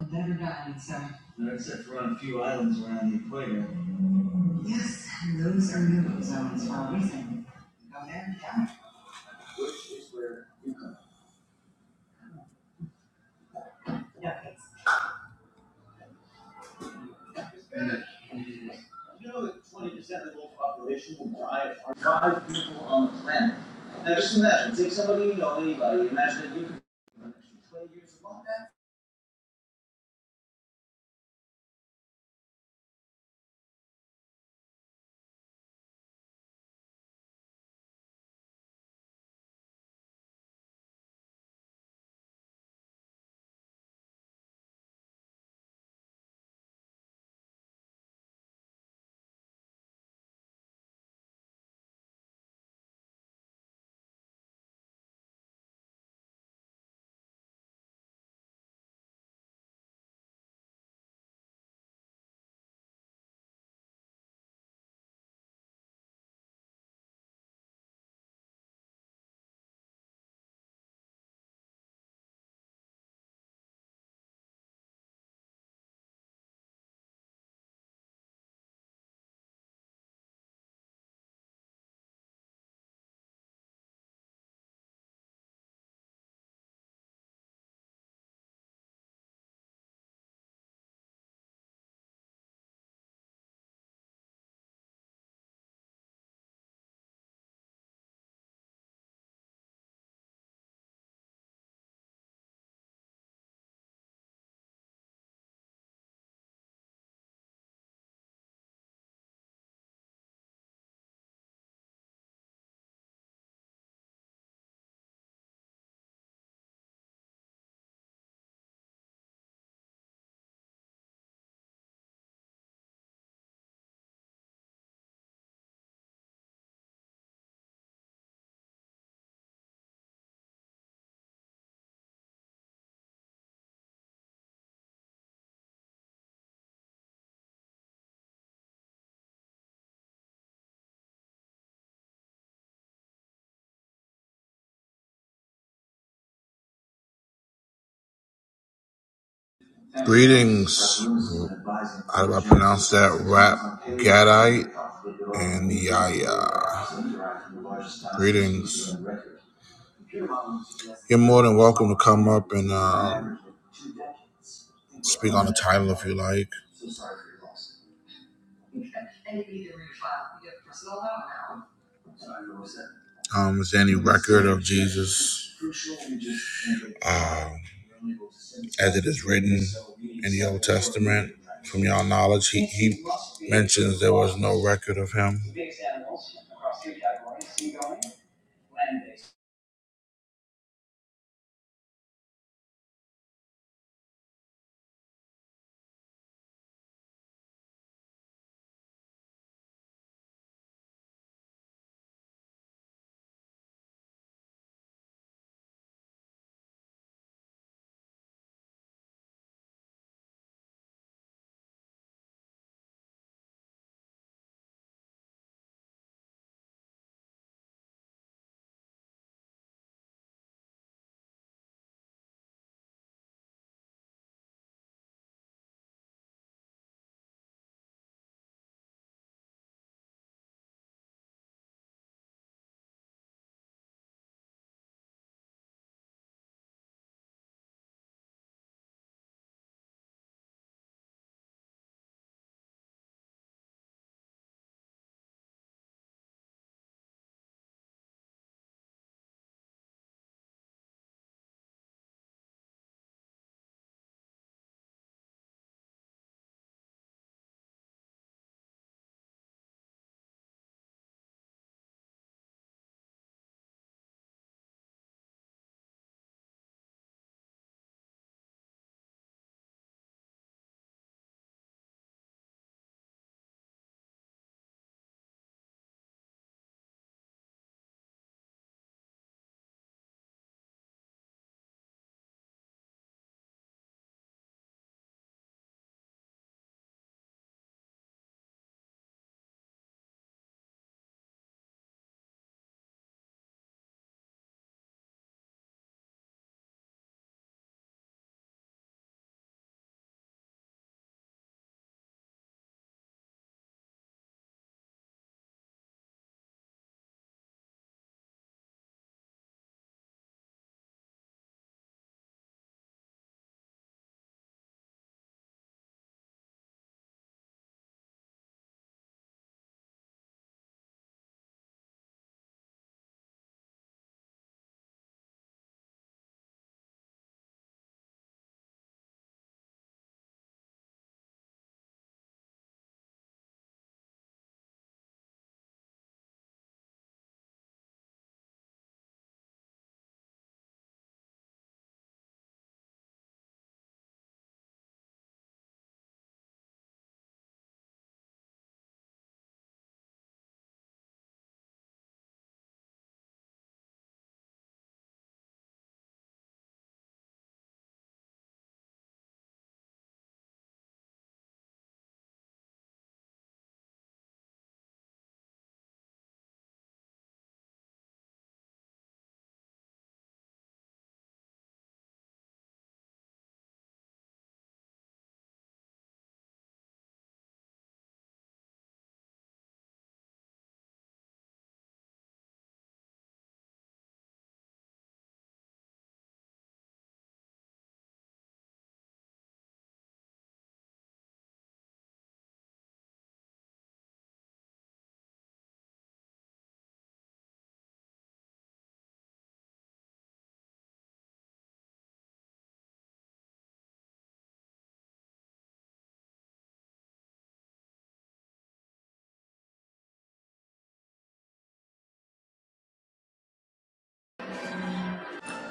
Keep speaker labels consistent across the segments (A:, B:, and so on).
A: Better done, so. Yes, those are new zones for a reason. Go there, yeah. No, thanks. Greetings. How do I will pronounce that? Rap Gadite and Yaya. Greetings. You're more than welcome to come up and um, speak on the title if you like. Um, is there any record of Jesus um, as it is written in the Old Testament? From your knowledge, he, he mentions there was no record of him.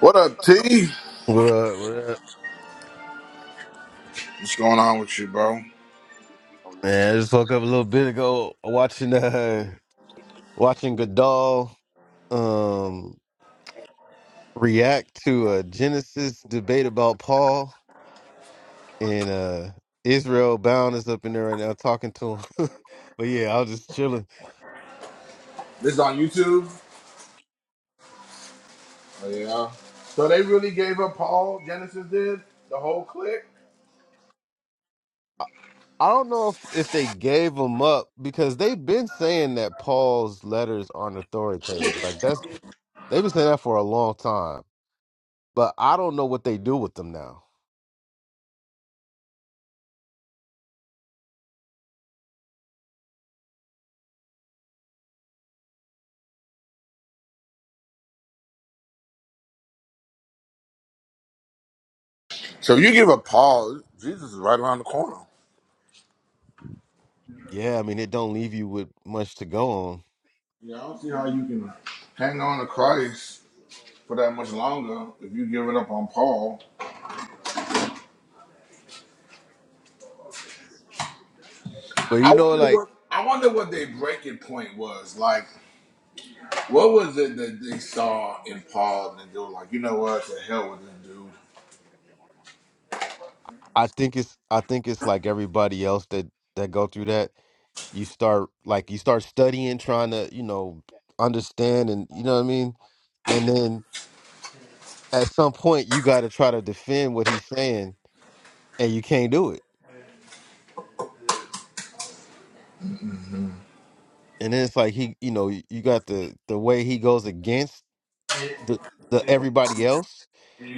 A: What up, T?
B: What up? What up?
A: What's going on with you, bro?
B: Man, I just woke up a little bit ago watching uh watching Godal um react to a Genesis debate about Paul and uh Israel Bound is up in there right now talking to him. but yeah, I was just chilling.
A: This on YouTube. Oh yeah. So they really gave up Paul. Genesis did the whole clique.
B: I don't know if if they gave him up because they've been saying that Paul's letters aren't authoritative. Like that's they've been saying that for a long time. But I don't know what they do with them now.
A: So you give up Paul, Jesus is right around the corner.
B: Yeah, I mean it don't leave you with much to go on.
A: Yeah, I don't see how you can hang on to Christ. for that much longer if you give it up on Paul.
B: But you
A: I
B: know,
A: wonder
B: like
A: what I wonder what their breaking point was. Like, what was it that they saw in Paul and they were like, you know what, to hell with this dude.
B: I think it's I think it's like everybody else that that go through that. You start like you start studying, trying to you know understand, and you know what I mean. And then at some point, you got to try to defend what he's saying, and you can't do it. And then it's like he, you know, you got the the way he goes against the the everybody else,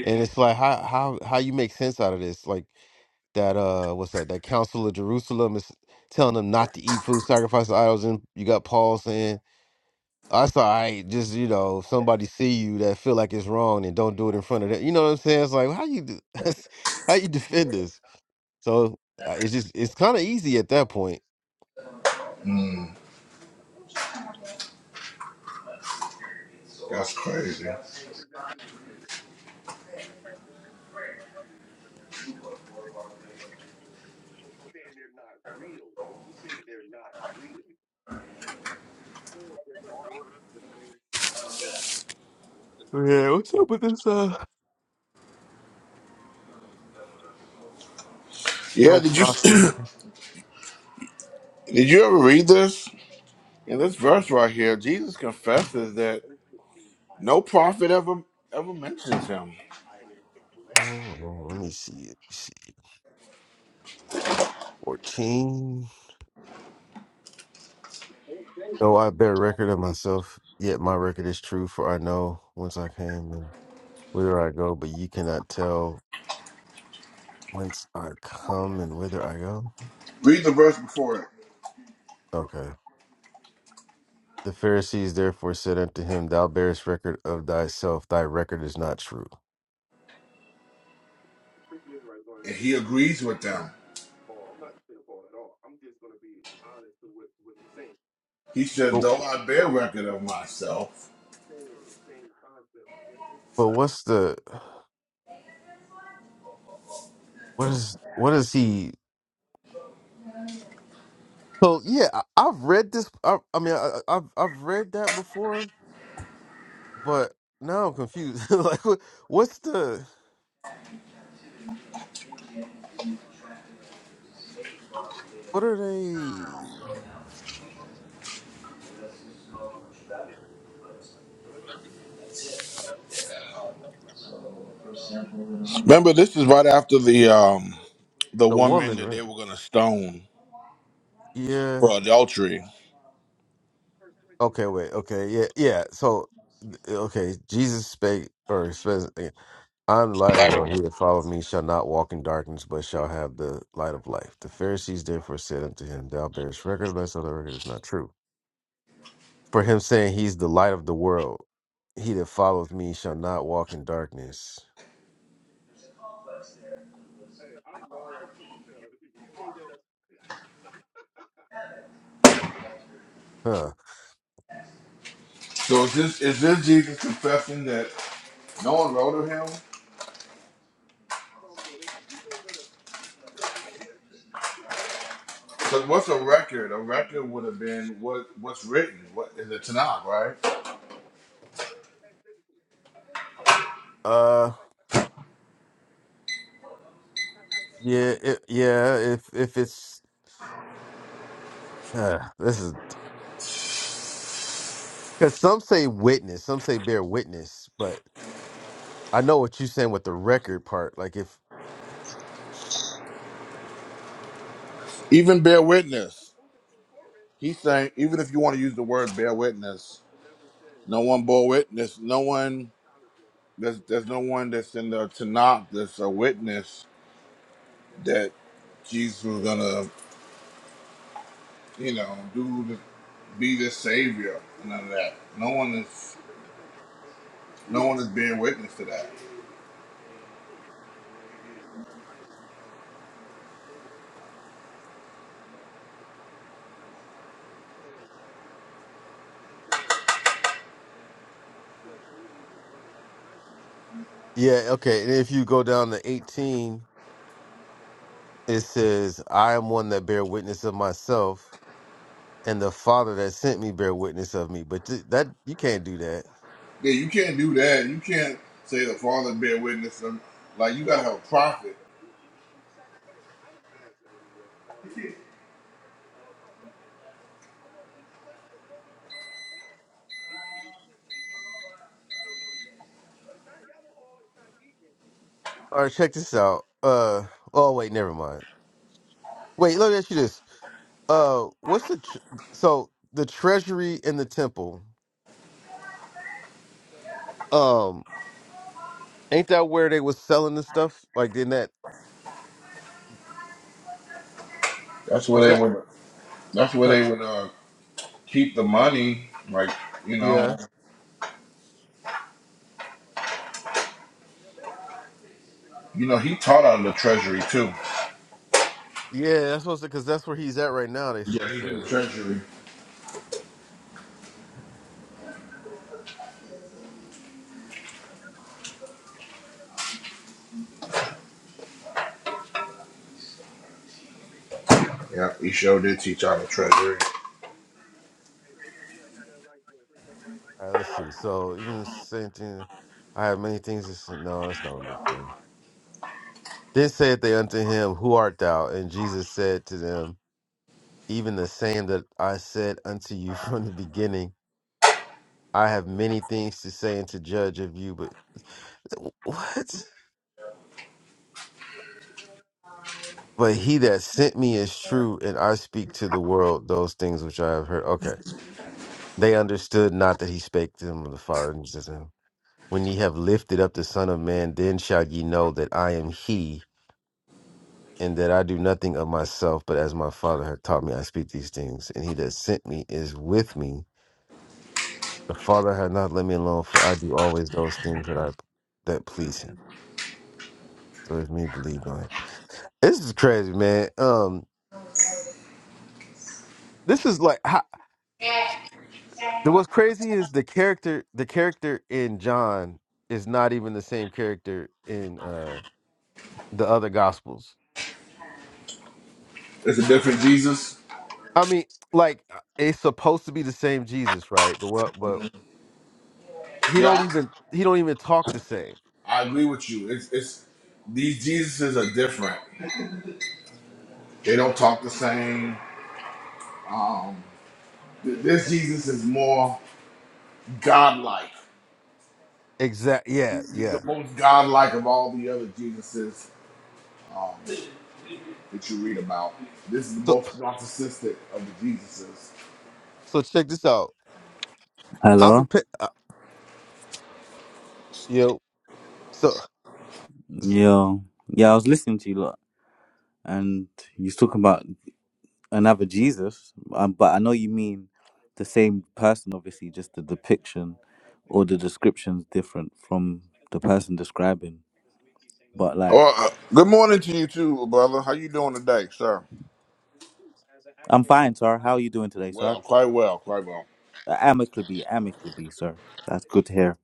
B: and it's like how how how you make sense out of this? Like that uh what's that that council of jerusalem is telling them not to eat food sacrificed to idols and you got paul saying that's all right just you know if somebody see you that feel like it's wrong and don't do it in front of them you know what i'm saying it's like how you do, how you defend this so uh, it's just it's kind of easy at that point
A: Mm, that's crazy.
B: Yeah, what's up with this? Uh,
A: Yeah, did you did you ever read this? In this verse right here, Jesus confesses that no prophet ever ever mentions him.
B: oh let me see let me see 14 though i bear record of myself yet my record is true for i know once i came in. whither I go, but ye cannot tell whence I come and whither I go.
A: Read the verse before it.
B: Okay. The Pharisees therefore said unto him, Thou bearest record of thyself; thy record is not true.
A: And he agrees with them. He says,
B: But,
A: Though I bear record of myself.
B: but what's the what is what is he? So yeah, I, I've read this. I, I mean, I, I- I've I've read that before, but now I'm confused. like, what, what's the what are they?
A: Remember, this is right after the um the
B: The
A: woman
B: woman,
A: that
B: right?
A: they were gonna stone
B: Yeah.
A: for adultery.
B: Okay, wait. Okay, yeah, yeah. So, eh, okay, Jesus spake or says, eh, "I'm the light of the world. He that followed me shall not walk in darkness, but shall have the light of life." The Pharisees therefore said unto him, "Thou bearest record of thyself; the record is not true." For him saying, "He's the light of the world. He that followeth me shall not walk in darkness." Huh.
A: So is this is this Jesus confessing that no one wrote of him? Because what's a record? A record would have been what what's written. What is it Tanakh, right?
B: Uh. Yeah. It, yeah. If if it's uh, this is because some say witness, some say bear witness, but I know what you're saying with the record part. Like if
A: Even bear witness. He's saying even if you want to use the word bear witness, no one bore witness. No one there's there's no one that's in the Tanakh that's a witness that Jesus was gonna you know, do the, be the savior and none of that. No one is no one is bearing witness to that.
B: Yeah, okay. And if you go down to 18, it says, I am one that bear witness of myself, and the Father that sent me bear witness of me. But th- that you can't do that.
A: Yeah, you can't do that. You can't say the father bear witness. To, like you gotta have a prophet.
B: All right, check this out. Uh oh wait, never mind. Wait, let me ask you this. Uh what's the tr- so the treasury in the temple? Um ain't that where they was selling the stuff? Like in that
A: That's
B: was
A: where they
B: that
A: would. That's where
B: huh?
A: they would uh, keep the money. Like you
B: Yeah.
A: know, you know, he taught out of the treasury too.
B: Yeah, that's supposed to cuz that's where he's at right now, they s- It
A: Yeah, he's in the
B: said.
A: treasury. Yeah, he sure did teach out of the treasury.
B: All right, let's see. So even the same thing, I have many things to say. No, that's not what I'm looking for. Then said they unto him, Who art thou? And Jesus said to them, Even the same that I said unto you from the beginning. I have many things to say and to judge of you, but what? But he that sent me is true, and I speak to the world those things which I have heard. Okay. They understood not that he spake to them of the Father. And Jesus said to them, When ye have lifted up the Son of Man, then shall ye know that I am he and that I do nothing of myself, but as my Father hath taught me, I speak these things. And he that sent me is with me. The Father hath not let me alone, for I do always those things that I that please him. So it's me believed on it. This is crazy, man. Um, this is like how, the- what's crazy is the character. The character in John is not even the same character in uh the other Gospels.
A: It's a different Jesus.
B: I mean, like it's supposed to be the same Jesus, right? But what? But
A: Mhm.
B: he don't
A: Yeah,
B: even he don't even talk the same
A: I I agree with you. It's it's these Jesuses are different. They don't talk the same. Um, this Jesus is more godlike.
B: Exact. Yeah.
A: He's he's
B: Yeah.
A: the most godlike of all the other Jesuses um, that you read about. This is the
B: So
A: most narcissistic of the Jesuses.
B: so check this out. I've been
C: Hello.
B: pick. Uh, you know. So
C: Yeah. Yeah, I was listening to you lot and you was talking about another Jesus. Um, but I know you mean the same person, obviously, just the depiction or the description's different from the person describing. But like
A: Well, uh, good morning to you too, brother. How you doing today, sir?
C: I'm fine, sir. How are you doing today, sir?
A: Well, quite well, quite well.
C: Uh, Amicably, amicably, sir. That's good to hear.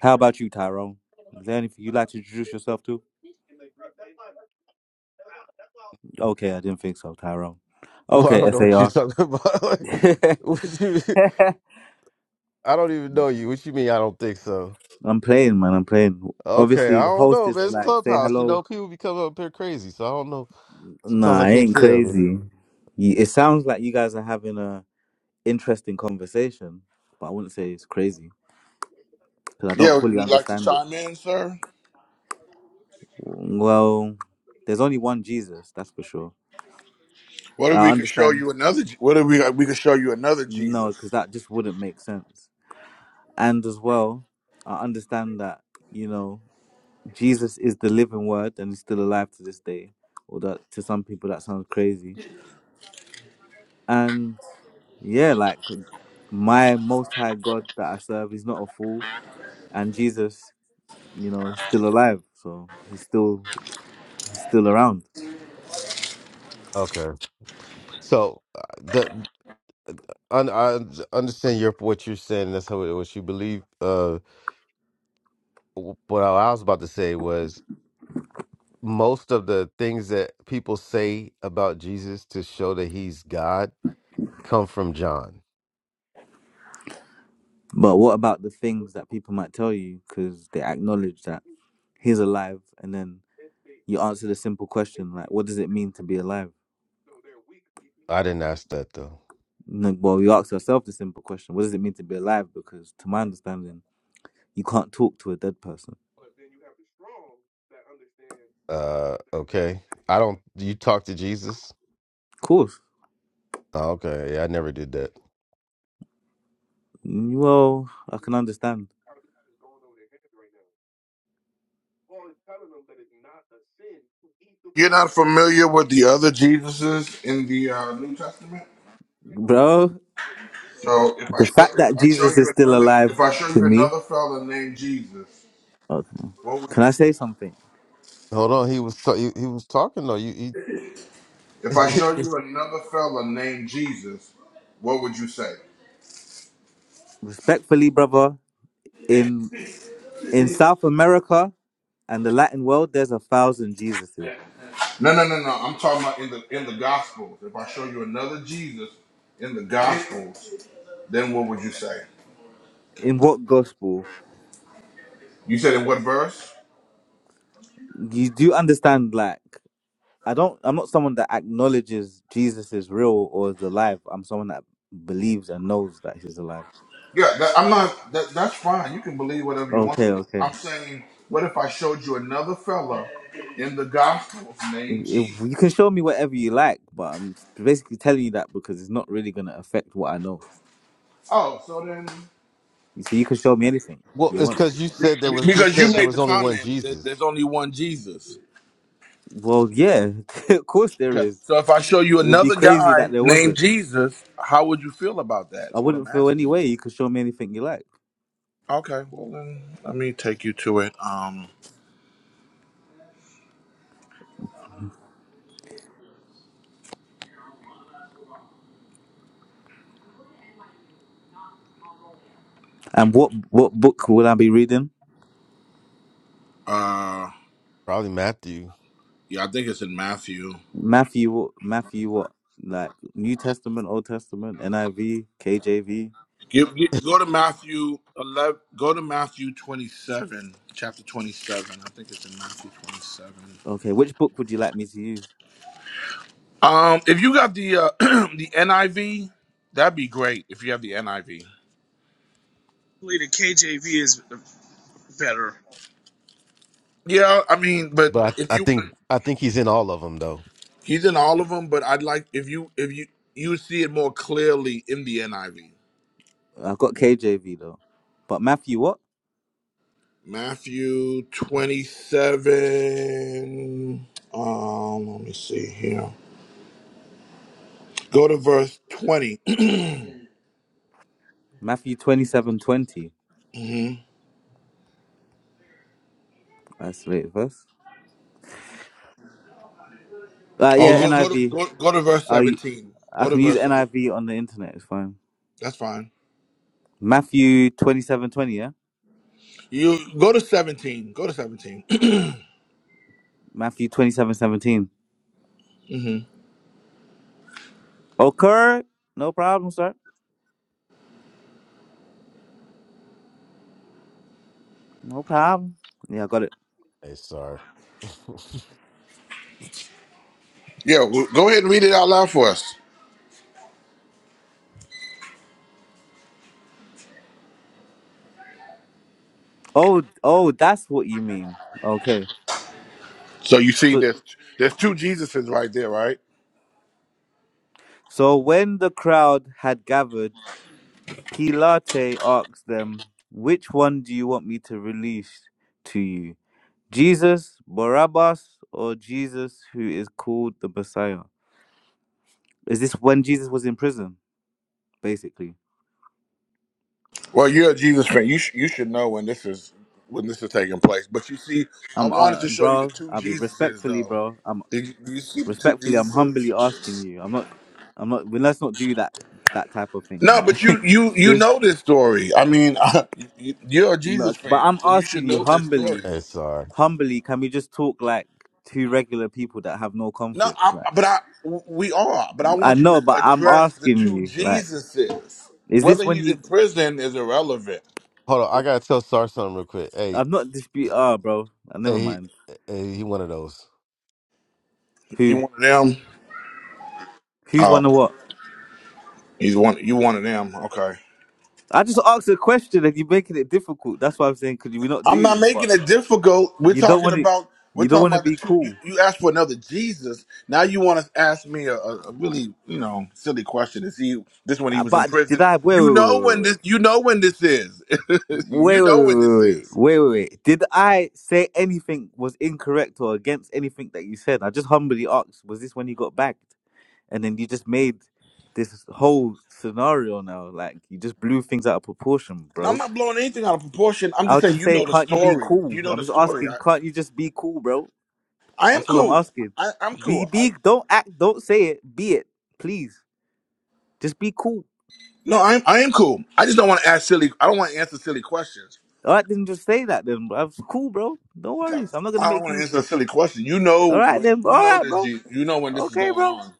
C: How about you, Tyrone? Is there anything you'd like to introduce yourself to? Okay, I didn't think so, Tyrone.
B: well, I don't
C: Okay,
B: know what you're
C: SAR.
B: talking about. Like, what you? I don't even know you. What you mean? I don't think so.
C: I'm playing, man. I'm playing.
B: Okay.
C: Obviously,
B: I
C: the
B: don't
C: host
B: know, man.
C: is
B: It's
C: like, say
B: Clubhouse. You
C: hello.
B: know, people be coming up here crazy. So I don't know. Sometimes
C: Nah,
B: I
C: I
B: can't
C: ain't
B: tell. Man.
C: crazy. You- It sounds like you guys are having a interesting conversation, but I wouldn't say it's crazy because I
A: Yeah,
C: don't
A: would
C: fully
A: you like to
C: understand it.
A: chime in, sir?
C: Well, there's only one Jesus, that's for sure.
A: What if
C: I
A: we could show
C: understand.
A: you another? Je- What if we we could show you another
C: No,
A: Jesus?
C: because that just wouldn't make sense. And as well, I understand that you know Jesus is the living Word and is still alive to this day. Although to some people that sounds crazy. And Yeah, like my most high God that I serve is not a fool, and Jesus, you know, is still alive, so he's still he's still around.
B: Okay. So uh, the. un- I understand your what you're saying. That's how what you believe. Uh, what I was about to say was most of the things that people say about Jesus to show that he's God come from John.
C: But what about the things that people might tell you because they acknowledge that he's alive, and then you answer the simple question like, what does it mean to be alive?
B: I didn't ask that though.
C: No, Well, you ask yourself the simple question, what does it mean to be alive? Because to my understanding, you can't talk to a dead person.
B: Uh, okay. I don't. You talk to Jesus?
C: Of course.
B: Oh, okay. Yeah, I never did that.
C: Well, I can understand,
A: You're not familiar with the other Jesuses in the uh, New Testament?
C: bro.
A: So if I
C: The
A: show
C: fact
A: if
C: that
A: I show
C: Jesus is
A: you
C: still
A: another
C: alive
A: if I show
C: to
A: you
C: me.
A: another fella named Jesus,
C: Okay.
A: what would
C: Can
A: you
C: I say something?
B: Hold on. He was ta- he, he was talking though. You, you
A: if I
B: it's,
A: show
B: it's,
A: you another fella named Jesus, what would you say?
C: Respectfully, brother, in in South America and the Latin world, there's a thousand Jesuses.
A: No no no no I'm talking about in the in the gospels. If I show you another Jesus in the gospels, then what would you say?
C: In what gospel?
A: You said in what verse?
C: You do understand like I don't I'm not someone that acknowledges Jesus is real or is alive. I'm someone that believes and knows that he's alive.
A: Yeah, that, I'm not that, that's fine. You can believe whatever you want to
C: Okay,
A: believe.
C: okay.
A: I'm saying, what if I showed you another fella in the gospels named
C: If you can
A: Jesus?
C: show me whatever you like, but I'm basically telling you that because it's not really gonna affect what I know.
A: Oh, so then
C: You see, you can show me anything
B: well,
C: you
B: it's
C: want.
B: because you said there was you
A: Because you
B: said there
A: made the
B: was only one
A: comment that there's
B: Jesus.
A: only one Jesus.
C: Well, yeah, of course there
A: Okay.
C: is.
A: So if I show you
C: It would be
A: another
C: crazy that
A: guy
C: there
A: named
C: wasn't.
A: Jesus, how would you feel about that?
C: I
A: Is what I'm
C: wouldn't feel any
A: asking
C: way. You
A: you.
C: could show me anything you like.
A: Okay. Well then, let me take you to it. Um.
C: And what what book will I be reading?
A: Uh.
B: Probably Matthew,
A: Yeah, I think it's in Matthew.
C: Matthew, what- Matthew, what like New Testament, Old Testament, NIV, KJV.
A: Give, gi- go to Matthew 11. Go to Matthew 27, chapter 27. I think it's in Matthew 27.
C: Okay, which book would you like me to use?
A: Um. If you got the uh, the NIV, that'd be great. If you have the NIV.
D: Hopefully the KJV is better.
A: Yeah, I mean, but
B: but
A: if
B: I, I
A: you
B: think I think he's in all of them though.
A: He's in all of them, but I'd like if you if you you would see it more clearly in the NIV.
C: I've got KJV though, but Matthew, what?
A: Matthew twenty seven. Um, let me see here. Go to verse 20
C: Matthew twenty seven twenty.
A: hmm
C: That's the latest verse. Uh, yeah, NIV.
A: Oh, go
C: I
A: go to
C: V.
A: go, go to verse
C: I
A: seventeen.
C: I
A: Go to
C: can use
A: verse. seven-
C: NIV on the internet. It's fine.
A: That's fine.
C: Matthew twenty seven twenty, yeah?
A: You go to seventeen. Go to 17
C: Matthew twenty seven seventeen.
A: hmm
C: Okay. No problem, sir. No problem. Yeah, I got it.
B: Hey, Sar.
A: Yeah, w- go ahead and read it out loud for us.
C: Oh oh that's what you mean. Okay.
A: So you see,
C: So
A: there's there's two Jesuses right there, right?
C: so when the crowd had gathered, Pilate asked them, Which one do you want me to release to you? Jesus, Barabbas, or Jesus who is called the Messiah? Is this when Jesus was in prison, basically?
A: Well, you're a Jesus fan. You sh- you should know when this is when this is taking place. But you see, I
C: I'm
A: wanted
C: uh,
A: to show you the
C: bro,
A: two
C: I'll be
A: Jesuses,
C: respectfully,
A: though.
C: bro. I'm.
A: Did you, do you see the two
C: Respectfully, I'm humbly
A: Jesuses?
C: asking you. I'm not. I'm not. Well, let's not do that. That type of thing.
A: No, but
C: Like,
A: you you you
C: just.
A: know this story. I mean, you, you're a Jesus
C: Not, but
A: fan,
C: I'm
A: so you should
C: asking you
A: know this
C: humbly.
A: story.
B: Hey, Sar.
C: Humbly, can we just talk like two regular people that have no
A: No,
C: conflict?
A: I,
C: Like,
A: but I we are. But I
C: I
A: want you to
C: know, but I'm
A: address the
C: asking
A: two
C: you. Like,
A: Jesuses.
C: is
A: Whether
C: this when
A: he's
C: he?
A: in prison is irrelevant.
B: Hold on. I gotta tell Sar something real quick. Hey,
C: I'm not dispute.
B: eh,
C: Ah, bro. Uh, never
B: hey, he,
C: mind.
B: hey, he one of those.
A: He
C: Who?
A: one of them.
C: Who's one
A: Oh,
C: of what?
A: he's one. You one of them. Okay.
C: I just asked a question and you're making it difficult. That's why I'm saying could we not
A: I'm
C: do
A: not
C: this? But
A: making it difficult. We're
C: you don't
A: talking
C: want to.
A: about we're
C: You don't
A: talking
C: want to
A: about the
C: be
A: two. You,
C: cool.
A: you asked for another Jesus. Now you want to ask me a, a, a really you know silly question. Is he this when he
C: Uh,
A: was in
C: But did
A: prison?
C: I? Wait, wait,
A: You
C: wait,
A: know
C: wait,
A: when
C: wait.
A: this. You know when this is.
C: Wait,
A: you
C: wait, wait,
A: know when this
C: wait, wait,
A: is.
C: wait, wait. wait. Did I say anything was incorrect or against anything that you said? I just humbly asked, was this when you got backed? And then you just made this whole scenario now. Like, you just blew things out of proportion,
A: Now, I'm
C: bro.
A: not blowing anything out of proportion. I'm
C: I
A: just
C: was
A: saying
C: just
A: you know
C: saying,
A: the
C: can't you be
A: story. You
C: cool?
A: know
C: I'm
A: the
C: just
A: story.
C: asking,
A: I,
C: can't you just be cool, bro?
A: I am
C: That's all I'm
A: cool.
C: asking.
A: I, I'm
C: Be,
A: cool. I,
C: be, don't act, don't say it, be it, please. Just be cool.
A: no, I'm I am cool. I just don't want to ask silly. I don't want to answer silly questions.
C: All right, then just say that then, bro. Cool, bro. No worries. I'm not going to
A: I don't
C: make
A: want to
C: you.
A: answer a silly question. You know
C: All right,
A: when
C: then. All
A: you know
C: right,
A: this.
C: bro.
A: You, you know when this is
C: Okay,
A: going
C: bro.
A: on.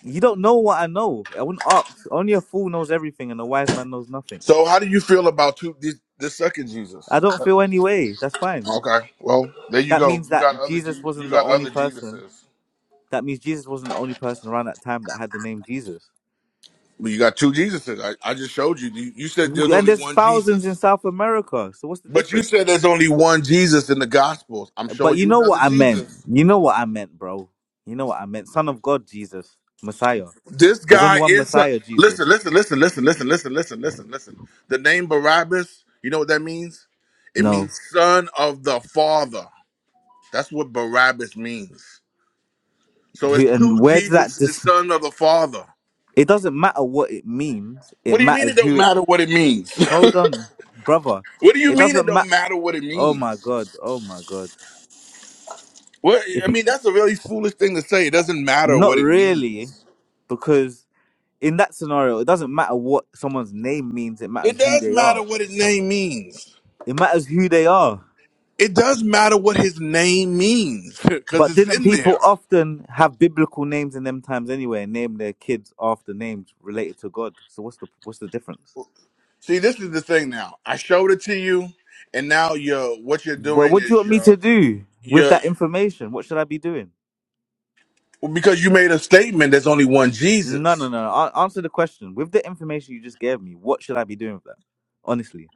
C: You don't know what I know. I wouldn't ask. Only a fool knows everything and a wise man knows nothing.
A: So how do you feel about two, this, this second
C: I
A: Jesus?
C: don't feel any way. That's fine.
A: Okay, well there you
C: That
A: go.
C: means
A: You
C: that
A: got other
C: Jesus
A: Je- you
C: wasn't the
A: got
C: only
A: other
C: person.
A: Jesuses.
C: That means Jesus wasn't the only person around that time that had the name Jesus.
A: But you got two Jesuses. I, I just showed you. you. You said there's
C: You- And
A: only
C: there's
A: one
C: thousands in
A: Jesus.
C: South America. So what's the
A: But you
C: difference?
A: said there's only one Jesus in the Gospels. I'm
C: But
A: showing
C: you
A: you
C: know
A: another
C: what I meant.
A: Jesus.
C: You know what I meant, bro. You know what I meant. Son of God, Jesus. Messiah.
A: This
C: There's only
A: guy
C: one
A: is a,
C: Messiah,
A: listen,
C: Jesus.
A: listen, listen, listen, listen, listen, listen, listen, listen. The name Barabbas. You know what that means? It
C: No.
A: means son of the Father. That's what Barabbas means. So it's
C: Who
A: two
C: and where does that
A: Jesuses,
C: dis-
A: son of the Father.
C: it doesn't matter what it means.
A: What
C: It
A: do you mean it
C: matters
A: don't
C: who it
A: matter what it means?
C: Hold on, brother.
A: what do you
C: It
A: mean it
C: doesn't
A: don't
C: matter.
A: matter what it
C: Oh my
A: means?
C: god. Oh my god.
A: What
C: If
A: I
C: you
A: mean, that's a really foolish thing to say. It doesn't matter
C: not
A: what it
C: really,
A: means.
C: because in that scenario, it doesn't matter what someone's name means. It
A: It
C: matters who
A: does
C: they
A: matter
C: are.
A: what his name means.
C: It matters who they are.
A: It does matter what his name means because
C: But
A: it's
C: didn't
A: in
C: people
A: there.
C: often have biblical names in them times anyway, and name their kids after names related to God? So what's the what's the difference?
A: See, this is the thing now. I showed it to you, and now you're what you're
C: Well,
A: doing
C: what do you
A: is
C: want me
A: you're
C: to do with
A: you're
C: that information? What should I be doing?
A: because you made a statement. There's only one
C: No,
A: Jesus.
C: no, no. no. A- answer the question. With the information you just gave me, what should I be doing with that? Honestly,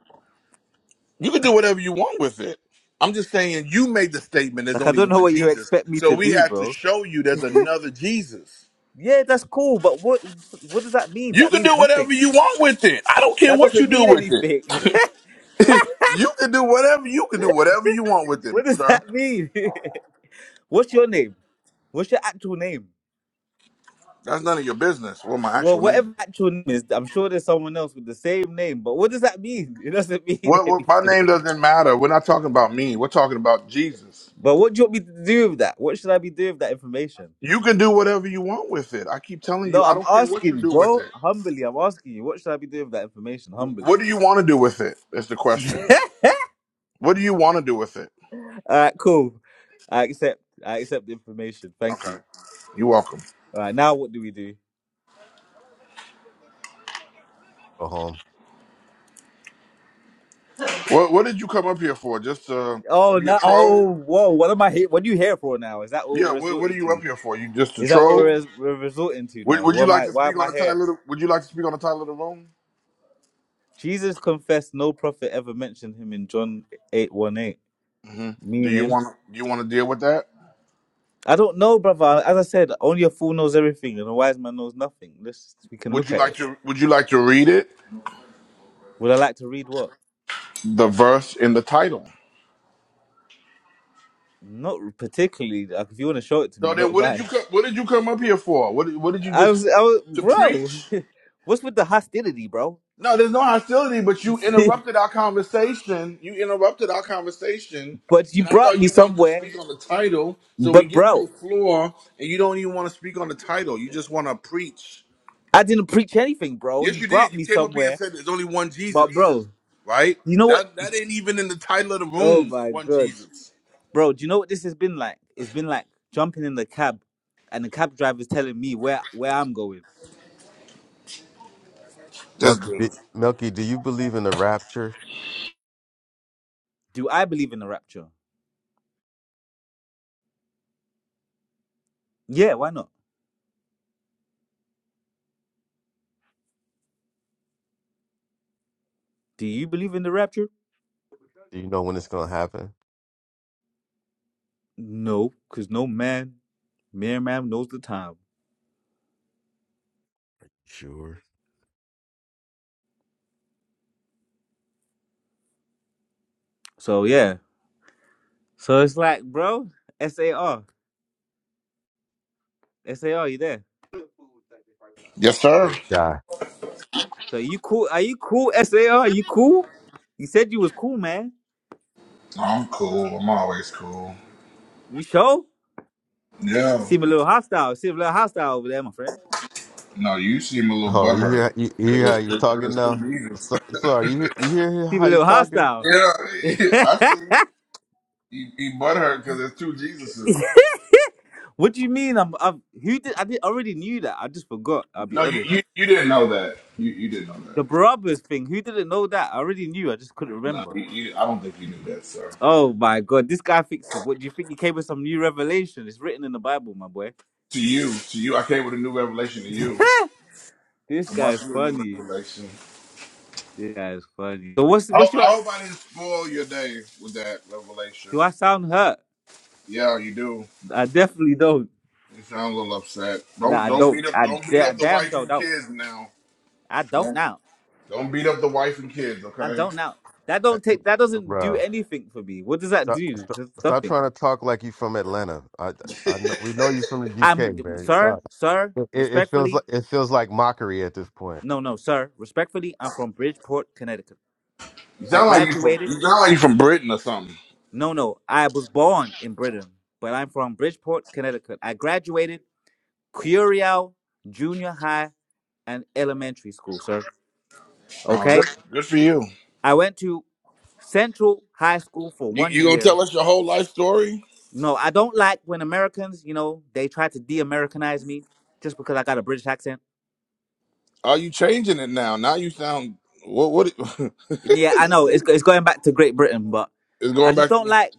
A: You can do whatever you want with it. I'm just saying you made the statement there's
C: like I
A: only
C: don't know
A: one
C: what you
A: Jesus.
C: expect me
A: So
C: to
A: we
C: do,
A: have to
C: bro.
A: show you there's another Jesus.
C: Yeah, that's cool, but what what does that mean?
A: You
C: That
A: can do
C: means nothing.
A: whatever you want with it. I don't care
C: That
A: what you
C: doesn't
A: do
C: mean
A: with it.
C: anything.
A: You can do whatever you can do whatever you want with it,
C: what does
A: sir.
C: that mean? What's your name? What's your actual name?
A: That's none of your business. What my
C: Well,
A: actual name
C: whatever
A: is.
C: actual name is, I'm sure there's someone else with the same name. But what does that mean? It doesn't mean
A: What, what my name
C: anything.
A: doesn't matter. We're not talking about me. We're talking about Jesus.
C: But what do you want me to do with that? What should I be doing with that information?
A: You can do whatever you want with it. I keep telling
C: No,
A: you, I
C: I'm
A: don't care what you
C: asking,
A: do with
C: bro.
A: it.
C: Humbly, I'm asking you. What should I be doing with that information?
A: What
C: Humbly.
A: do you want to do with it? Is the question.
C: All
A: What do you want to do with it?
C: right, cool. I accept. I accept the information. Thank
A: Okay.
C: you.
A: You're welcome.
C: All right, now what do we do?
B: Go home.
A: What What did you come up here for? Just to
C: Oh
A: be a
C: no!
A: troll?
C: Oh, whoa! What am I? Here? What are you here for now? Is that what
A: Yeah.
C: we're
A: What What are
C: resorting
A: you up
C: to?
A: here for? You just a
C: Is that what
A: troll?
C: we're, we're resorting to
A: Would
C: now?
A: Would
C: What
A: you
C: am
A: like
C: I?
A: to
C: Why
A: speak
C: am
A: on
C: I
A: the
C: here?
A: title? Of the, would you like to speak on the title of the room?
C: Jesus confessed no prophet ever mentioned him in John eight one eight.
A: hmm Do you
C: Meaning,
A: want Do you want to deal with that?
C: I don't know, brother. As I said, only a fool knows everything, and a wise man knows nothing. Let's we can
A: Would
C: look
A: you
C: at
A: like
C: it.
A: to Would you like to read it?
C: Would I like to read what?
A: The verse in the title.
C: Not particularly. Like, if you want to show it to me,
A: So
C: I
A: then,
C: don't
A: what did you
C: mind.
A: co- What did you come up here for? What did- What did you
C: I
A: just
C: was, I was,
A: to
C: bro.
A: preach?
C: What's with the hostility, bro?
A: No, there's no hostility, but you interrupted our conversation. You interrupted our conversation,
C: but you
A: and I
C: brought
A: thought
C: me
A: you wanted to
C: somewhere.
A: speak on the title, so we
C: But
A: give you the
C: bro,
A: floor, and you don't even want to speak on the title. You just want to preach.
C: I didn't preach anything, bro.
A: Yes,
C: You
A: you did.
C: brought
A: You
C: me
A: came up here and
C: somewhere.
A: said there's only one
C: But
A: Jesus,
C: bro,
A: right?
C: you know what?
A: That that ain't even in the title of the
C: Oh
A: room.
C: my
A: One
C: god,
A: Jesus.
C: bro. Do you know what this has been like? It's been like jumping in the cab, and the cab driver's telling me where where I'm going.
A: This
B: Melky, di-
A: dude.
B: Melky, do you believe in the rapture?
C: Do I believe in the rapture? Yeah, why not? Do you believe in the rapture?
B: Do you know when it's going to happen?
C: No, cause no man, mere man knows the time.
B: Sure.
C: So yeah. So it's like, bro, SAR. SAR, you there?
A: Yes, sir.
B: Die.
C: So you cool? Are you cool, SAR? You cool? You said you was cool, man.
A: I'm cool. I'm always cool.
C: You sure?
A: Yeah.
C: Seem a little hostile. Seem a little hostile over there, my friend.
A: No, you seem a little
B: Oh, you
A: butthurt.
B: hear, you, you
A: Cause
B: hear how
A: it's,
B: he's
A: it's,
B: talking
A: it's two
B: now?
A: reasons.
B: So, sorry, you hear, you hear
C: Seem a
B: how he's
C: little
B: talking?
C: hostile.
A: Yeah, I see. You, you butthurt because there's two Jesuses.
C: what do you mean? I'm, I'm who did I did already knew that. I just forgot, I'll be
A: No, you,
C: honest.
A: you, you didn't know that. You you didn't know that.
C: The Barabbas thing, who didn't know that? I already knew, I just couldn't
A: No,
C: remember.
A: you, you, I don't think you knew that, sir.
C: Oh my god, this guy thinks it. What do you think he came with some new revelation? It's written in the Bible, my boy.
A: To you, to you, I came with a new revelation to you.
C: This
A: I brought
C: guy's
A: you a new
C: funny.
A: revelation.
C: This guy is funny. So what's
A: I,
C: what's
A: hope- I
C: your?
A: hope I didn't spoil your day with that revelation.
C: Do I sound hurt?
A: Yeah, you do.
C: I definitely don't.
A: You sound a little upset.
C: Nah,
A: Don't
C: I
A: don't beat
C: don't.
A: up
C: I,
A: don't beat
C: da-
A: up the
C: damn
A: wife
C: sure
A: and
C: don't.
A: kids now.
C: I don't
A: Don't
C: now.
A: don't beat up the wife and kids,
C: I
A: okay?
C: don't now. That
B: Uh,
C: don't take. That doesn't do
B: Bro,
C: anything for me. What does that
B: stop,
C: do?
B: stop,
C: It's
B: stop
C: Nothing.
B: trying to talk like you from Atlanta. I, I know, we know you from the UK,
C: I'm
B: man.
C: sir,
B: Stop.
C: sir.
B: It, it feels
C: Respectfully,
B: like it feels like mockery at this point.
C: no, no, sir. Respectfully, I'm from Bridgeport, Connecticut.
A: You
C: I
A: sound like you from
C: graduated.
A: you sound like you from Britain or something.
C: No, no. I was born in Britain, but I'm from Bridgeport, Connecticut. I graduated Curiel Junior High and Elementary School, sir.
A: Oh, good
C: Okay
A: good for you.
C: I went to Central High School for
A: You
C: one
A: you gonna
C: year.
A: tell us your whole life story?
C: No, I don't like when Americans, you know, they try to de-Americanize me just because I got a British accent.
A: Are you changing it now? Now you sound what? What
C: And yeah, I know it's go- it's going back to Great Britain, but
A: is
C: I
A: going
C: just
A: back?
C: don't like,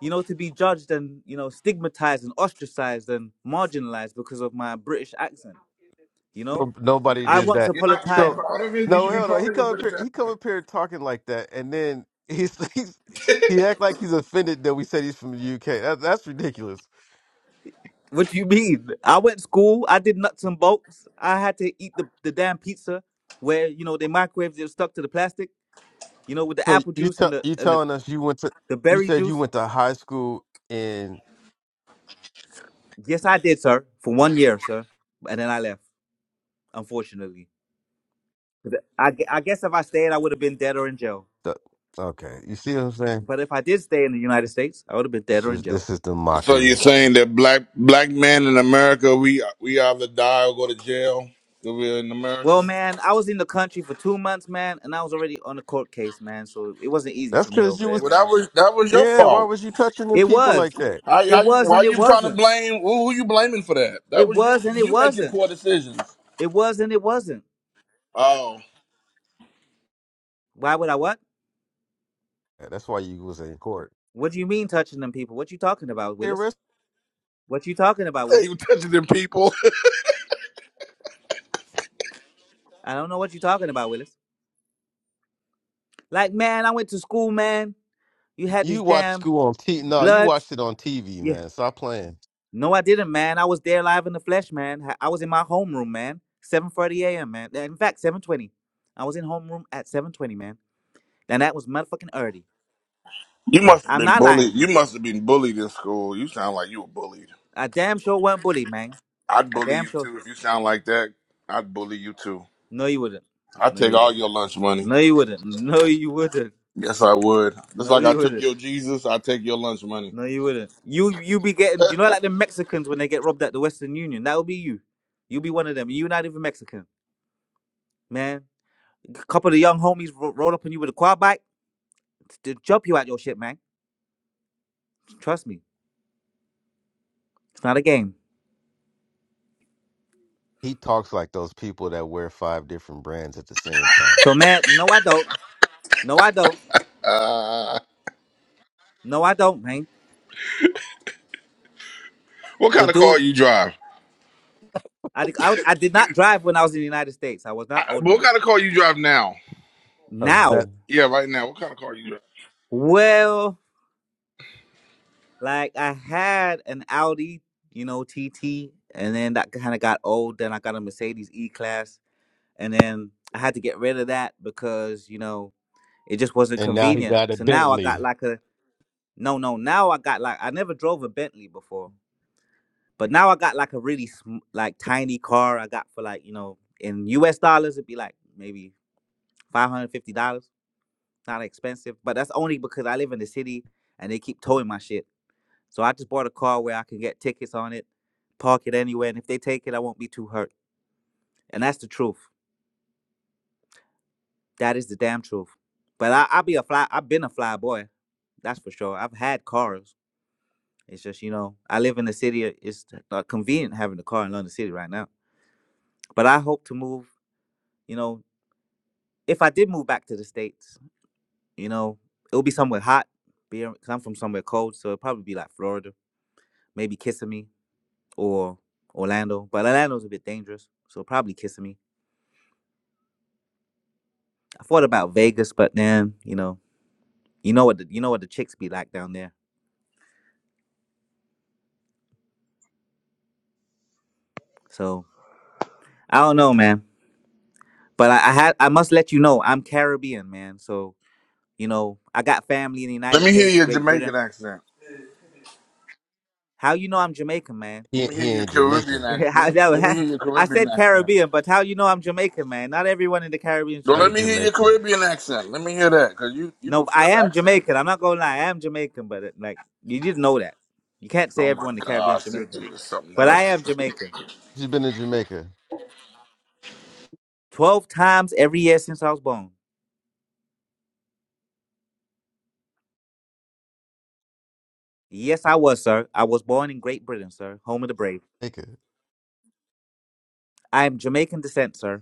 C: you know, to be judged and you know stigmatized and ostracized and marginalized because of my British accent. You know,
B: No- Nobody
A: You
C: I
A: should.
B: did
C: once
B: that.
A: You're
C: upon a
A: not. You're not
B: So
C: time.
A: proud of it. You
B: no,
A: should be
B: hell no.
A: proud
B: He
A: of it
B: come
A: for
B: up
A: the
B: here. He
A: fact.
B: come up here talking like that, and then he's, he's he act like he's offended that we said he's from the UK. That, that's ridiculous.
C: What do you mean? I went to school. I did nuts and bolts. I had to eat the, the damn pizza where you know they microwaved it stuck to the plastic. You know, with the
B: So
C: apple
B: you
C: juice
B: tell
C: and the
B: you
C: and the,
B: telling us you went to
C: the
B: you
C: berry
B: said you
C: juice.
B: went to high school in
C: Yes, I did, sir, for one year, sir, and then I left. Unfortunately, But I, gue- I guess if I stayed, I would have been dead or in jail.
B: the okay. You see what I'm saying?
C: But if I did stay in the United States, I would have been dead
B: This
C: or
B: is
C: in jail.
B: this is the
A: So you're
B: mockery.
A: saying that black black men in America, we we either die or go to jail if we're in America.
C: Well, man, I was in the country for two months, man, and I was already on a court case, man. So it wasn't easy
B: That's
C: for me
B: because
C: over
B: you was
C: there,
A: Well, that
C: man.
A: was that was your
B: yeah. Why
A: fault.
B: was you touching them
C: It
B: people like
C: was,
B: that?
A: How, how
C: it
A: you,
C: was,
A: why
C: and it
A: you trying to
C: wasn't.
A: blame? Who, who you blaming for that? That
C: It
A: was you.
C: was, and it
A: You making
C: wasn't.
A: poor decisions.
C: It was, and it wasn't.
A: Oh,
C: Why would I what?
B: Yeah, that's why you was in court.
C: What do you mean touching them people? What you talking about,
B: Hey,
C: Willis?
B: Riz,
C: What you talking about,
A: hey,
C: Willis?
A: you touching them people.
C: I don't know what you're talking about, Willis. Like, man, I went to school, man. You had
B: You
C: this
B: watched
C: damn
B: school on T. No, you watched
C: bloods.
B: it on TV,
C: Yeah.
B: man. Stop playing.
C: No, I didn't, man. I was there live in the flesh, man. Ha- I was in my homeroom, man. 7.30 a.m., man. Uh, In fact, 7.20. I was in homeroom at 7.20, man. And that was motherfucking early.
A: You
B: Yes.
A: must have
C: I'm
A: been
C: not
A: bullied.
C: lying.
A: You must have been bullied in school. You sound like you were bullied.
C: I damn sure were not bullied, man.
A: I'd
C: I
A: bully
C: damn
A: you
C: sure.
A: too if you sound like that. I'd bully you too.
C: No, you wouldn't.
A: I'd
C: No, you
A: take all
C: wouldn't.
A: your lunch money.
C: No, you wouldn't. No, you wouldn't.
A: Yes, I would. Just
C: No,
A: like I
C: you
A: took
C: wouldn't.
A: your Jesus, I take your lunch money.
C: No, you wouldn't. You you be getting you know like the Mexicans when they get robbed at the Western Union. That would be you. You'll be one of them. You're not even Mexican, man. A couple of the young homies ro- roll up on you with a quad bike to jump you out your shit, man. Trust me, it's not a game.
B: He talks like those people that wear five different brands at the same time.
C: So man, no, I don't. No, I don't. No, I don't, man.
A: What
C: So
A: kind of car
C: dude,
A: you drive?
C: I I, I did not drive when I was in the United States. I was not old
A: What
C: enough.
A: kind of car you drive now?
B: A vet,
C: Now,
A: Yeah, right now. What kind of car you drive?
C: well, like I had an Audi, you know, TT, and then that kind of got old. Then I got a Mercedes E class and then I had to get rid of that because you know it just wasn't
B: and now he
C: convenient.
B: got a
C: So now I got
B: Bentley.
C: like a no, no. Now I got like I never drove a Bentley before, but now I got like a really sm- like tiny car. I got for like you know in U.S. dollars it'd be like maybe five hundred fifty dollars. Not expensive, but that's only because I live in the city and they keep towing my shit. So I just bought a car where I can get tickets on it, park it anywhere, and if they take it, I won't be too hurt. And that's the truth. That is the damn truth. But I, I be a fly. I've been a fly boy. That's for sure. I've had cars. It's just you know I live in the city. uh, It's not convenient having a car in London City right now. But I hope to move. You know, if I did move back to the states, you know, it'll be somewhere hot. Be cause I'm from somewhere cold, so it'll probably be like Florida, maybe Kissimmee or Orlando. But Orlando's a bit dangerous, so probably Kissimmee. I thought about Vegas, but then you know, you know what the, you know what the chicks be like down there. So I don't know, man. But I, I had I must let you know I'm Caribbean, man. So you know I got family in the
A: Let
C: United
A: me hear
C: States,
A: your
C: Great
A: Jamaican
C: Britain.
A: accent.
C: How you know I'm Jamaican, man?
A: Let
B: He
A: me hear
B: he
A: your
B: ain't
A: Caribbean
B: Jamaican.
A: accent. Let
C: how,
A: me, let me hear
C: that,
A: your
C: I
A: Caribbean
C: said
A: accent.
C: Caribbean, but how you know I'm Jamaican, man? Not everyone in the Caribbean is
A: No,
B: How you
A: let me
C: Jamaican.
A: hear your
B: Jamaican?
A: Caribbean accent. Let me hear that, cause you you
C: No,
A: can
C: but I
A: flip
C: am Jamaican.
A: accents.
C: I'm not gonna lie, I am Jamaican, but it, like you didn't know that. You can't say
A: Oh my
C: everyone in the Caribbean is
A: gosh, this
C: Jamaican,
A: dude is something
C: but I
A: else.
C: am Jamaican.
B: You been to Jamaica?
C: Twelve times every year since I was born. Yes, I was, sir. I was born in Great Britain, sir, home of the brave.
B: Jamaica.
C: I am Jamaican descent, sir.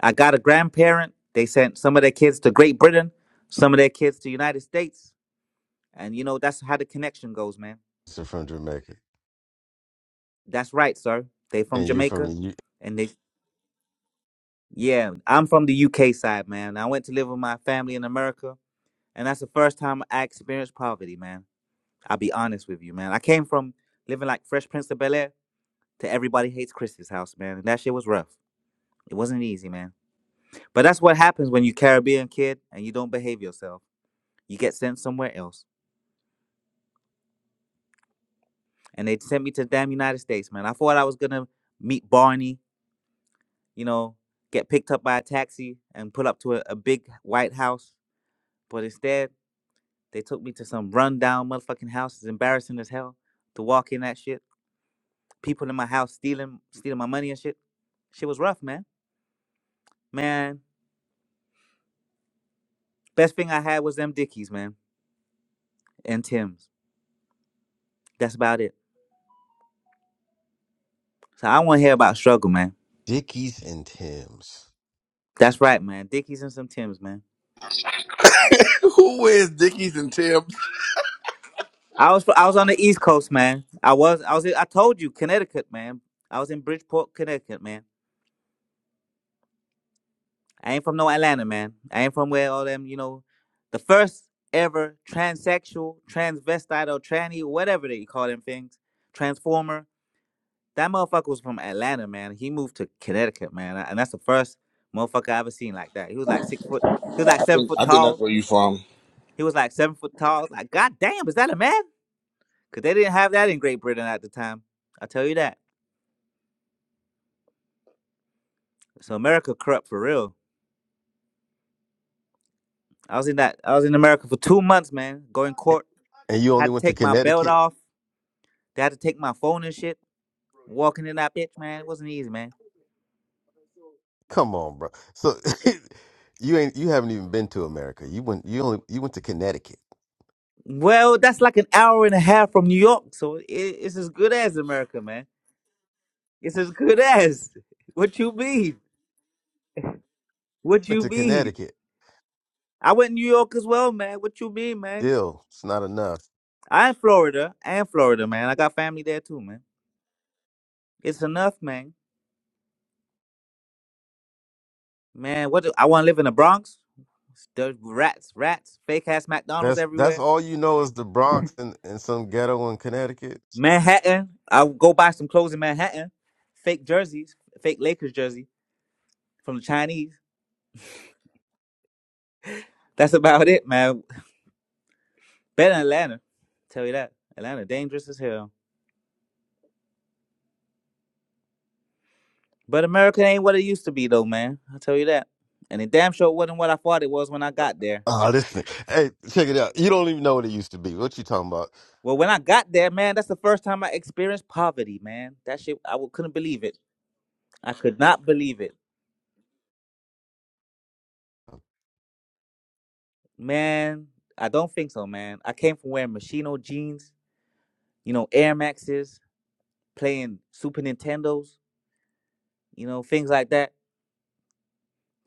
C: I got a grandparent. They sent some of their kids to Great Britain, some of their kids to United States, and you know that's how the connection goes, man.
B: So from Jamaica,
C: That's right, sir. They from
B: and you're from
C: Jamaica,
B: the U-
C: and they yeah, I'm from the UK side, man. I went to live with my family in America, and that's the first time I experienced poverty, man. I'll be honest with you, man. I came from living like Fresh Prince of Bel Air to Everybody Hates Chris's house, man. And that shit was rough. It wasn't easy, man. But that's what happens when you Caribbean kid and you don't behave yourself. You get sent somewhere else. and they sent me to the damn United States, man. I thought I was gonna meet Barney, you know, get picked up by a taxi and put up to a, a big white house. But instead, they took me to some rundown motherfucking house. It's embarrassing as hell to walk in that shit. People in my house stealing, stealing my money and shit. Shit was rough, man. Man, best thing I had was them Dickies, man, and Tims. That's about it. So I want to hear about struggle, man.
B: Dickies and Timbs.
C: That's right, man. Dickies and some Tims, man.
A: Who wears Dickies and Tibbs?
C: I was I was on the East Coast, man. I was I was I told you Connecticut, man. I was in Bridgeport, Connecticut, man. I ain't from no Atlanta, man. I ain't from where all them, you know, the first ever transsexual, transvestite, or tranny, whatever they call them things, transformer. That motherfucker was from Atlanta, man. He moved to Connecticut, man, and that's the first motherfucker I ever seen like that. He was like six foot. He was like
A: I
C: seven
A: think
C: foot
A: I think that's
C: tall.
A: where you from.
C: He was like seven foot tall. Like, goddamn, is that a man? Cause they didn't have that in Great Britain at the time. I tell you that. So America corrupt for real. I was in that. I was in America for two months, man. Going court,
B: and you only
C: had to
B: went to
C: take my belt
B: Connecticut.
C: off. They had to take my phone and shit. Walking in that bitch, man, it wasn't easy, man.
B: Come on, bro. So you ain't you haven't even been to America. You went you only you went to Connecticut.
C: Well, that's like an hour and a half from New York, so it, it's as good as America, man. It's as good as. What you mean? What
B: Went
C: you
B: to
C: mean?
B: Connecticut.
C: I went to New York as well, man. What you mean, man?
B: Still, it's not enough.
C: I am Florida. I am Florida, man. I got family there too, man. It's enough, man. Man, what do I want to live in the Bronx? There's rats, rats, fake ass McDonald's
B: That's that's
C: everywhere.
B: all you know is the Bronx and, and some ghetto in Connecticut.
C: Manhattan, I'll go buy some clothes in Manhattan. Fake jerseys, fake Lakers jersey from the Chinese. That's about it, man. Better than Atlanta. Tell you that. Atlanta dangerous as hell. But America ain't what it used to be though, man. i tell you that. And it damn sure wasn't what I thought it was when I got there.
B: Ah, this nigga. Hey, check it out. You don't even know what it used to be. What you talking about?
C: Well, when I got there, man, that's the first time I experienced poverty, man. That shit, I w- couldn't believe it. I could not believe it. Man, I don't think so, man. I came from wearing Machino jeans, you know, Air Maxes, playing Super Nintendos, you know, things like that.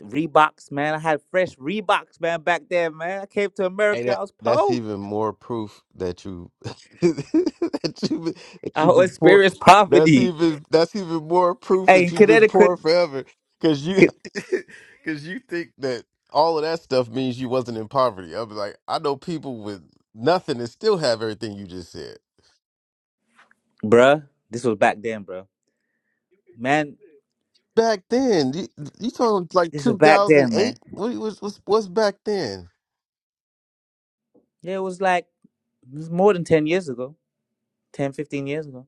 C: Reeboks, man. I had fresh Reeboks, man, back then, man. I came to
B: Hey,
C: America, I
B: that
C: was
B: that's
C: poor.
B: even more proof that you that you been- that
C: I
B: you've been poor.
C: experienced
B: That's
C: poverty.
B: even that's even more proof
C: Hey,
B: that
C: in
B: you've been poor
C: Connecticut,
B: forever. Cause you cause you think that all of that stuff means you wasn't in poverty. I be like, I know people with nothing and still have everything you just said.
C: bruh, this was back then, bruh. Man,
B: Back then, you you talking like
C: this was
B: two
C: back
B: thousand
C: then,
B: eight?
C: man.
B: What was what's what's back then?
C: Yeah, it was like, it was more than 10 years ago. 10, 15 years ago.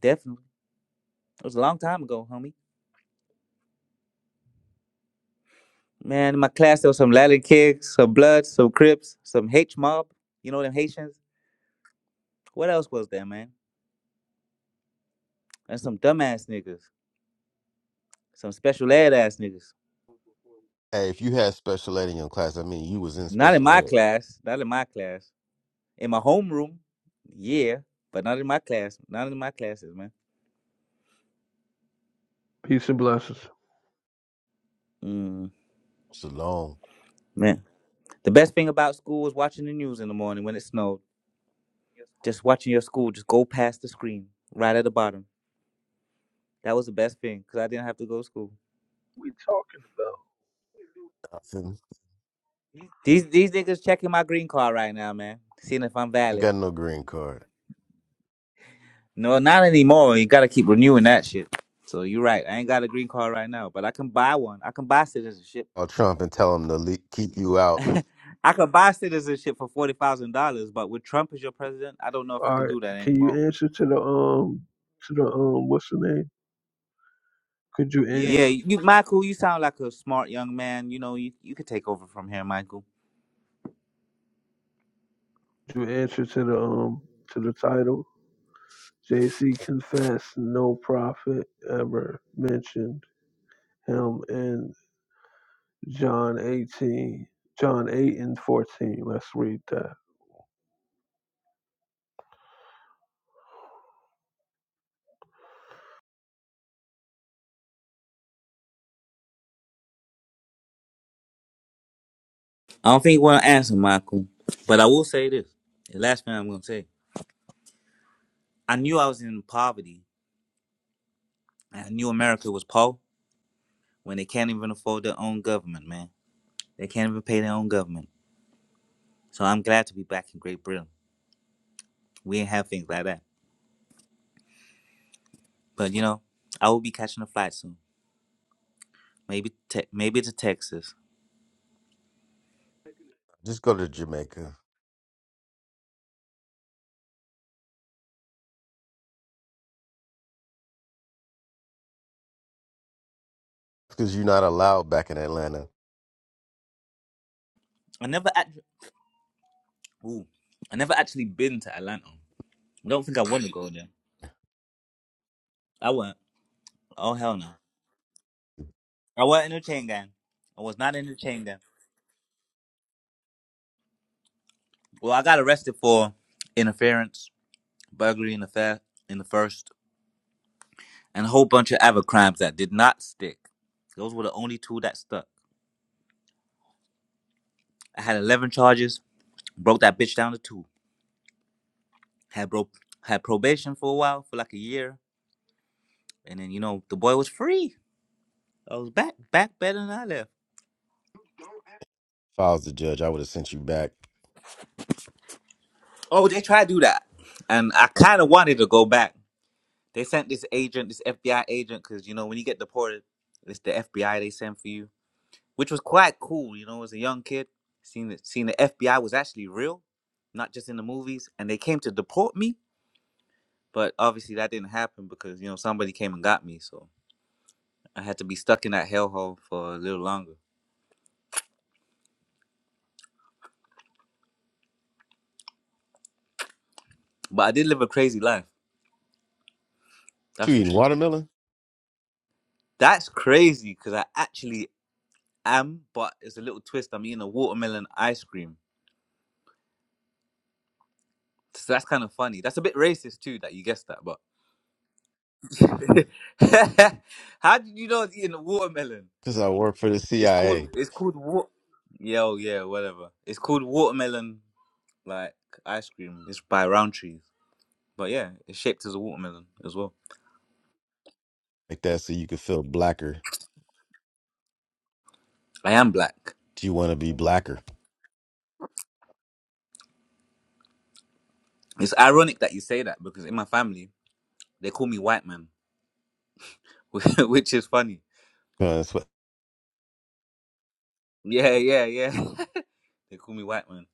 C: Definitely. It was a long time ago, homie. Man, in my class there was some Latin Kicks, some Bloods, some Crips, some H Mob. You know them Haitians. What else was there, man? And some dumbass niggas, some special ed ass niggas.
B: Hey, if you had special ed in your class, I mean, you was in
C: Not in my
B: special ed.
C: class. Not in my class. In my homeroom, yeah, but not in my class. Not in my classes, man.
E: Peace and blessings.
C: Mm,
B: Shalom.
C: man, the best thing about school was watching the news in the morning when it snowed. Just watching your school just go past the screen right at the bottom. That was the best thing because I didn't have to go to school.
B: Nothing.
C: These these niggas checking my green card right now, man. Seeing if I'm
B: Ain't
C: valid.
B: got no green card.
C: No, not anymore. You gotta keep renewing that shit. So you're right. I ain't got a green card right now, but I can buy one. I can buy citizenship.
B: Call Trump and tell him to le- keep you out.
C: I can buy citizenship for forty thousand dollars. But with Trump as your president, I don't know if I
E: All
C: can
E: right.
C: do that
E: Can
C: anymore.
E: you answer to the um to the um what's the name? Could you answer
C: Yeah, you, Michael, you sound like a smart young man. You know, you you could take over from here, Michael.
E: you answer to the um to the title? JC confessed no prophet ever mentioned him in John eighteen John eight and fourteen. Let's read that.
C: I don't think you want to answer, Michael. But I will say this: the last thing I'm gonna say. I knew I was in poverty. and I knew America was poor when they can't even afford their own government, man. They can't even pay their own government. So I'm glad to be back in Great Britain. We ain't have things like that. But you know, I will be catching a flight soon. Maybe te- maybe to Texas.
B: Just go to Jamaica because you're not allowed back in Atlanta.
C: I never actually, ooh, I never actually been to Atlanta. I don't think I want to go there. I wouldn't. Oh hell no. I wasn't in the chain gang. I was not in the chain gang. Well, I got arrested for interference, burglary in the fair in the first, and a whole bunch of other crimes that did not stick. Those were the only two that stuck. I had 11 charges, broke that bitch down to two. Had broke had probation for a while, for like a year, and then you know the boy was free. I was back back better than I left.
B: If I was the judge, I would have sent you back.
C: Oh, they tried to do that, and I kind of wanted to go back. They sent this agent, this FBI agent, because you know when you get deported, it's the FBI they send for you, which was quite cool. You know, as a young kid, seeing the, seeing the FBI was actually real, not just in the movies, and they came to deport me. But obviously that didn't happen because you know somebody came and got me. So I had to be stuck in that hellhole for a little longer. But I did live a crazy life.
B: You
C: That's for
B: eating
C: sure.
B: watermelon?
C: That's crazy because I actually am, but it's a little twist. I'm eating a watermelon ice cream. So that's kind of funny. That's a bit racist too that you guessed that, but how did you know I was eating a watermelon?
B: Because I work for the
C: It's called
B: CIA.
C: it's called wa- Yo, yeah, whatever. It's called watermelon like ice cream. It's by Roundtree's. But yeah, it's shaped as a watermelon as well.
B: Like that, so you could feel blacker.
C: I am black.
B: Do you want to be blacker?
C: It's ironic that you say that because in my family They call me white man, which is funny.
B: Uh, that's what-
C: Yeah, yeah, yeah. They call me white man.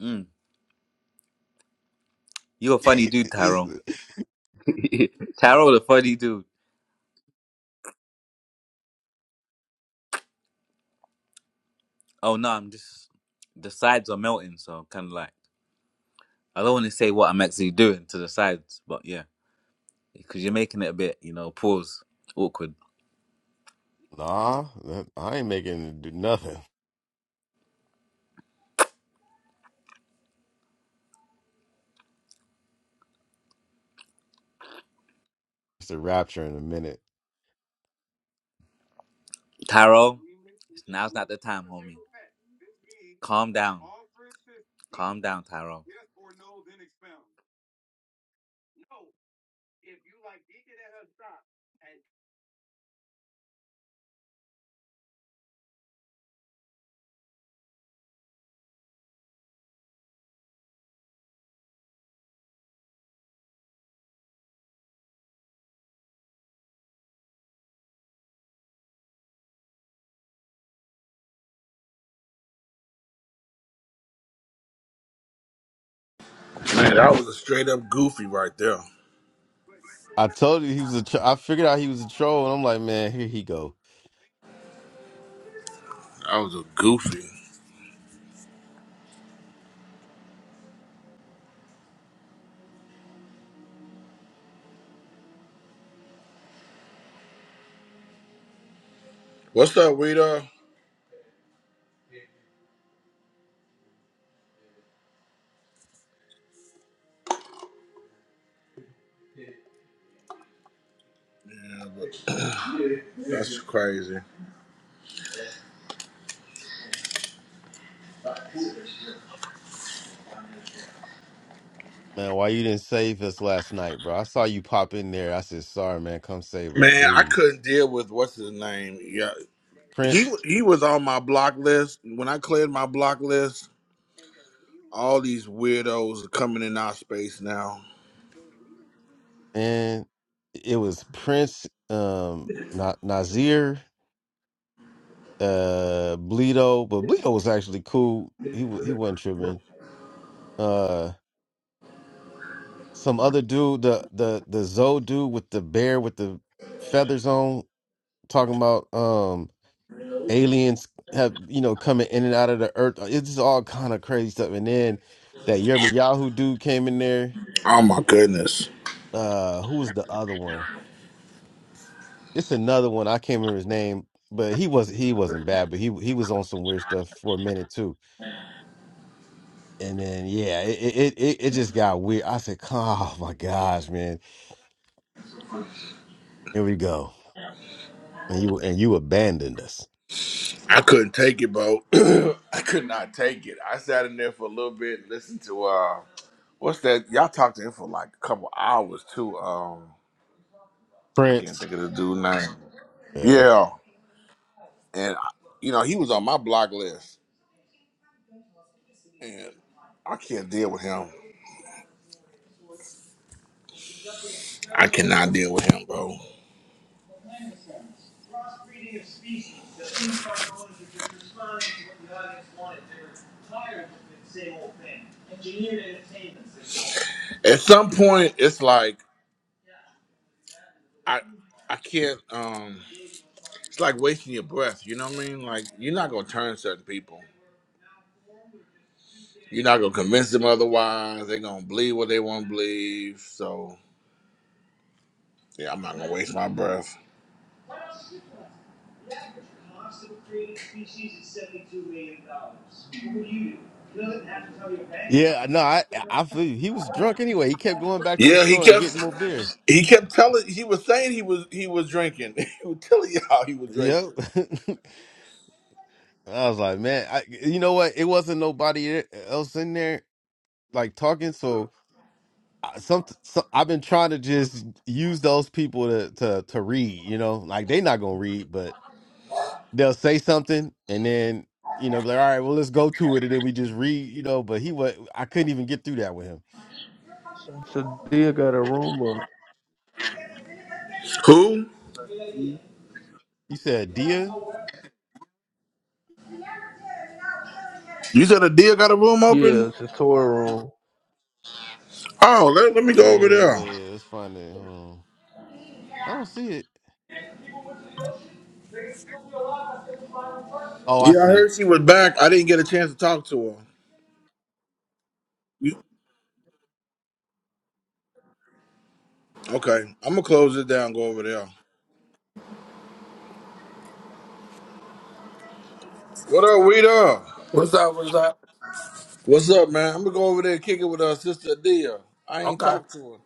C: Mm. You're a funny dude,
B: It's-
C: Tyrone. Tyrone, a funny dude. Oh no, I'm just the sides are melting, so kind of like I don't want to say what I'm actually doing to the sides, but yeah, because you're making it a bit, you know, pause, awkward.
B: nah, that- I ain't making do nothing. It's a rapture in a minute.
C: Tyrone, now's not the time, homie. Calm down, calm down, Tyrone.
A: Man, that was a straight up goofy right there. That
B: I told you he was a. Tro- I figured out he was a troll, and I'm like, man, here he go.
A: was a goofy. What's up, Rita? Yeah, but that's crazy.
B: Man, why you didn't save us last night, bro? I saw you pop in there. I said, sorry, man, come save us,
A: Man, I
B: please.
A: couldn't deal with what's his name. Yeah, he
B: Prince,
A: he was on my block list. When I cleared my block list, all these weirdos are coming in our space now.
B: and it was Prince, um, not Nazir, uh, Bleedo, but Bleedo was actually cool. He wa- he wasn't tripping. Uh, some other dude, the the the Zoe dude with the bear with the feathers on, talking about um aliens have you know coming in and out of the earth. It's just all kind of crazy stuff. And then that Yahoo dude came in there.
A: Oh my goodness,
B: Uh, who was the other one? It's another one. I can't remember his name, but he was he wasn't bad, but he he was on some weird stuff for a minute too. And then yeah, it it it, it just got weird. I said, oh my gosh, man, here we go. And you and you abandoned us,
A: I couldn't take it, bro. I could not take it. I sat in there for a little bit, and listened to uh, what's that? Y'all talked to him for like a couple hours too. Um, I can't
B: Prince.
A: think of the dude name.
B: Yeah.
A: Yeah, and you know he was on my block list, and I can't deal with him. I cannot deal with him, bro. At some point, it's like I, I can't. Um, it's like wasting your breath. You know what I mean? Like you're not gonna turn certain people. You're not gonna convince them otherwise. They're gonna believe what they want to believe. So yeah, I'm not gonna waste my breath.
B: Yeah, no, I I feel you. he was drunk anyway. He kept going back to the
A: Yeah, he
B: store and
A: kept
B: getting more beer.
A: he kept telling. He was saying he was he was drinking. he was telling y'all he was
B: Yep.
A: drinking.
B: I was like, man, I, you know what? It wasn't nobody e, else in there like talking. So I, some, so I've been trying to just use those people to to to read. You know, like they not gonna read, but they'll say something, and then you know, be like, all right, well, let's go to it, and then we just read. You know, but he was I couldn't even get through that with him.
E: Sadia got a room up.
A: Who?
B: You said Dia?
A: You said a deal got a room open?
E: Yeah, it's a Torah room.
A: Oh, let, let me
B: Yeah,
A: go over
B: yeah,
A: there.
B: let's find it. Hold on. I don't see it. Oh, I
A: Yeah, I
B: see it.
A: heard she was back. I didn't get a chance to talk to her. You- okay, I'm gonna close it down. Go over there. What up, Rita?
F: What's up? What's up?
A: What's up, man? I'm gonna go over there and kick it with our sister Adia. I ain't
F: Okay.
A: talked to her.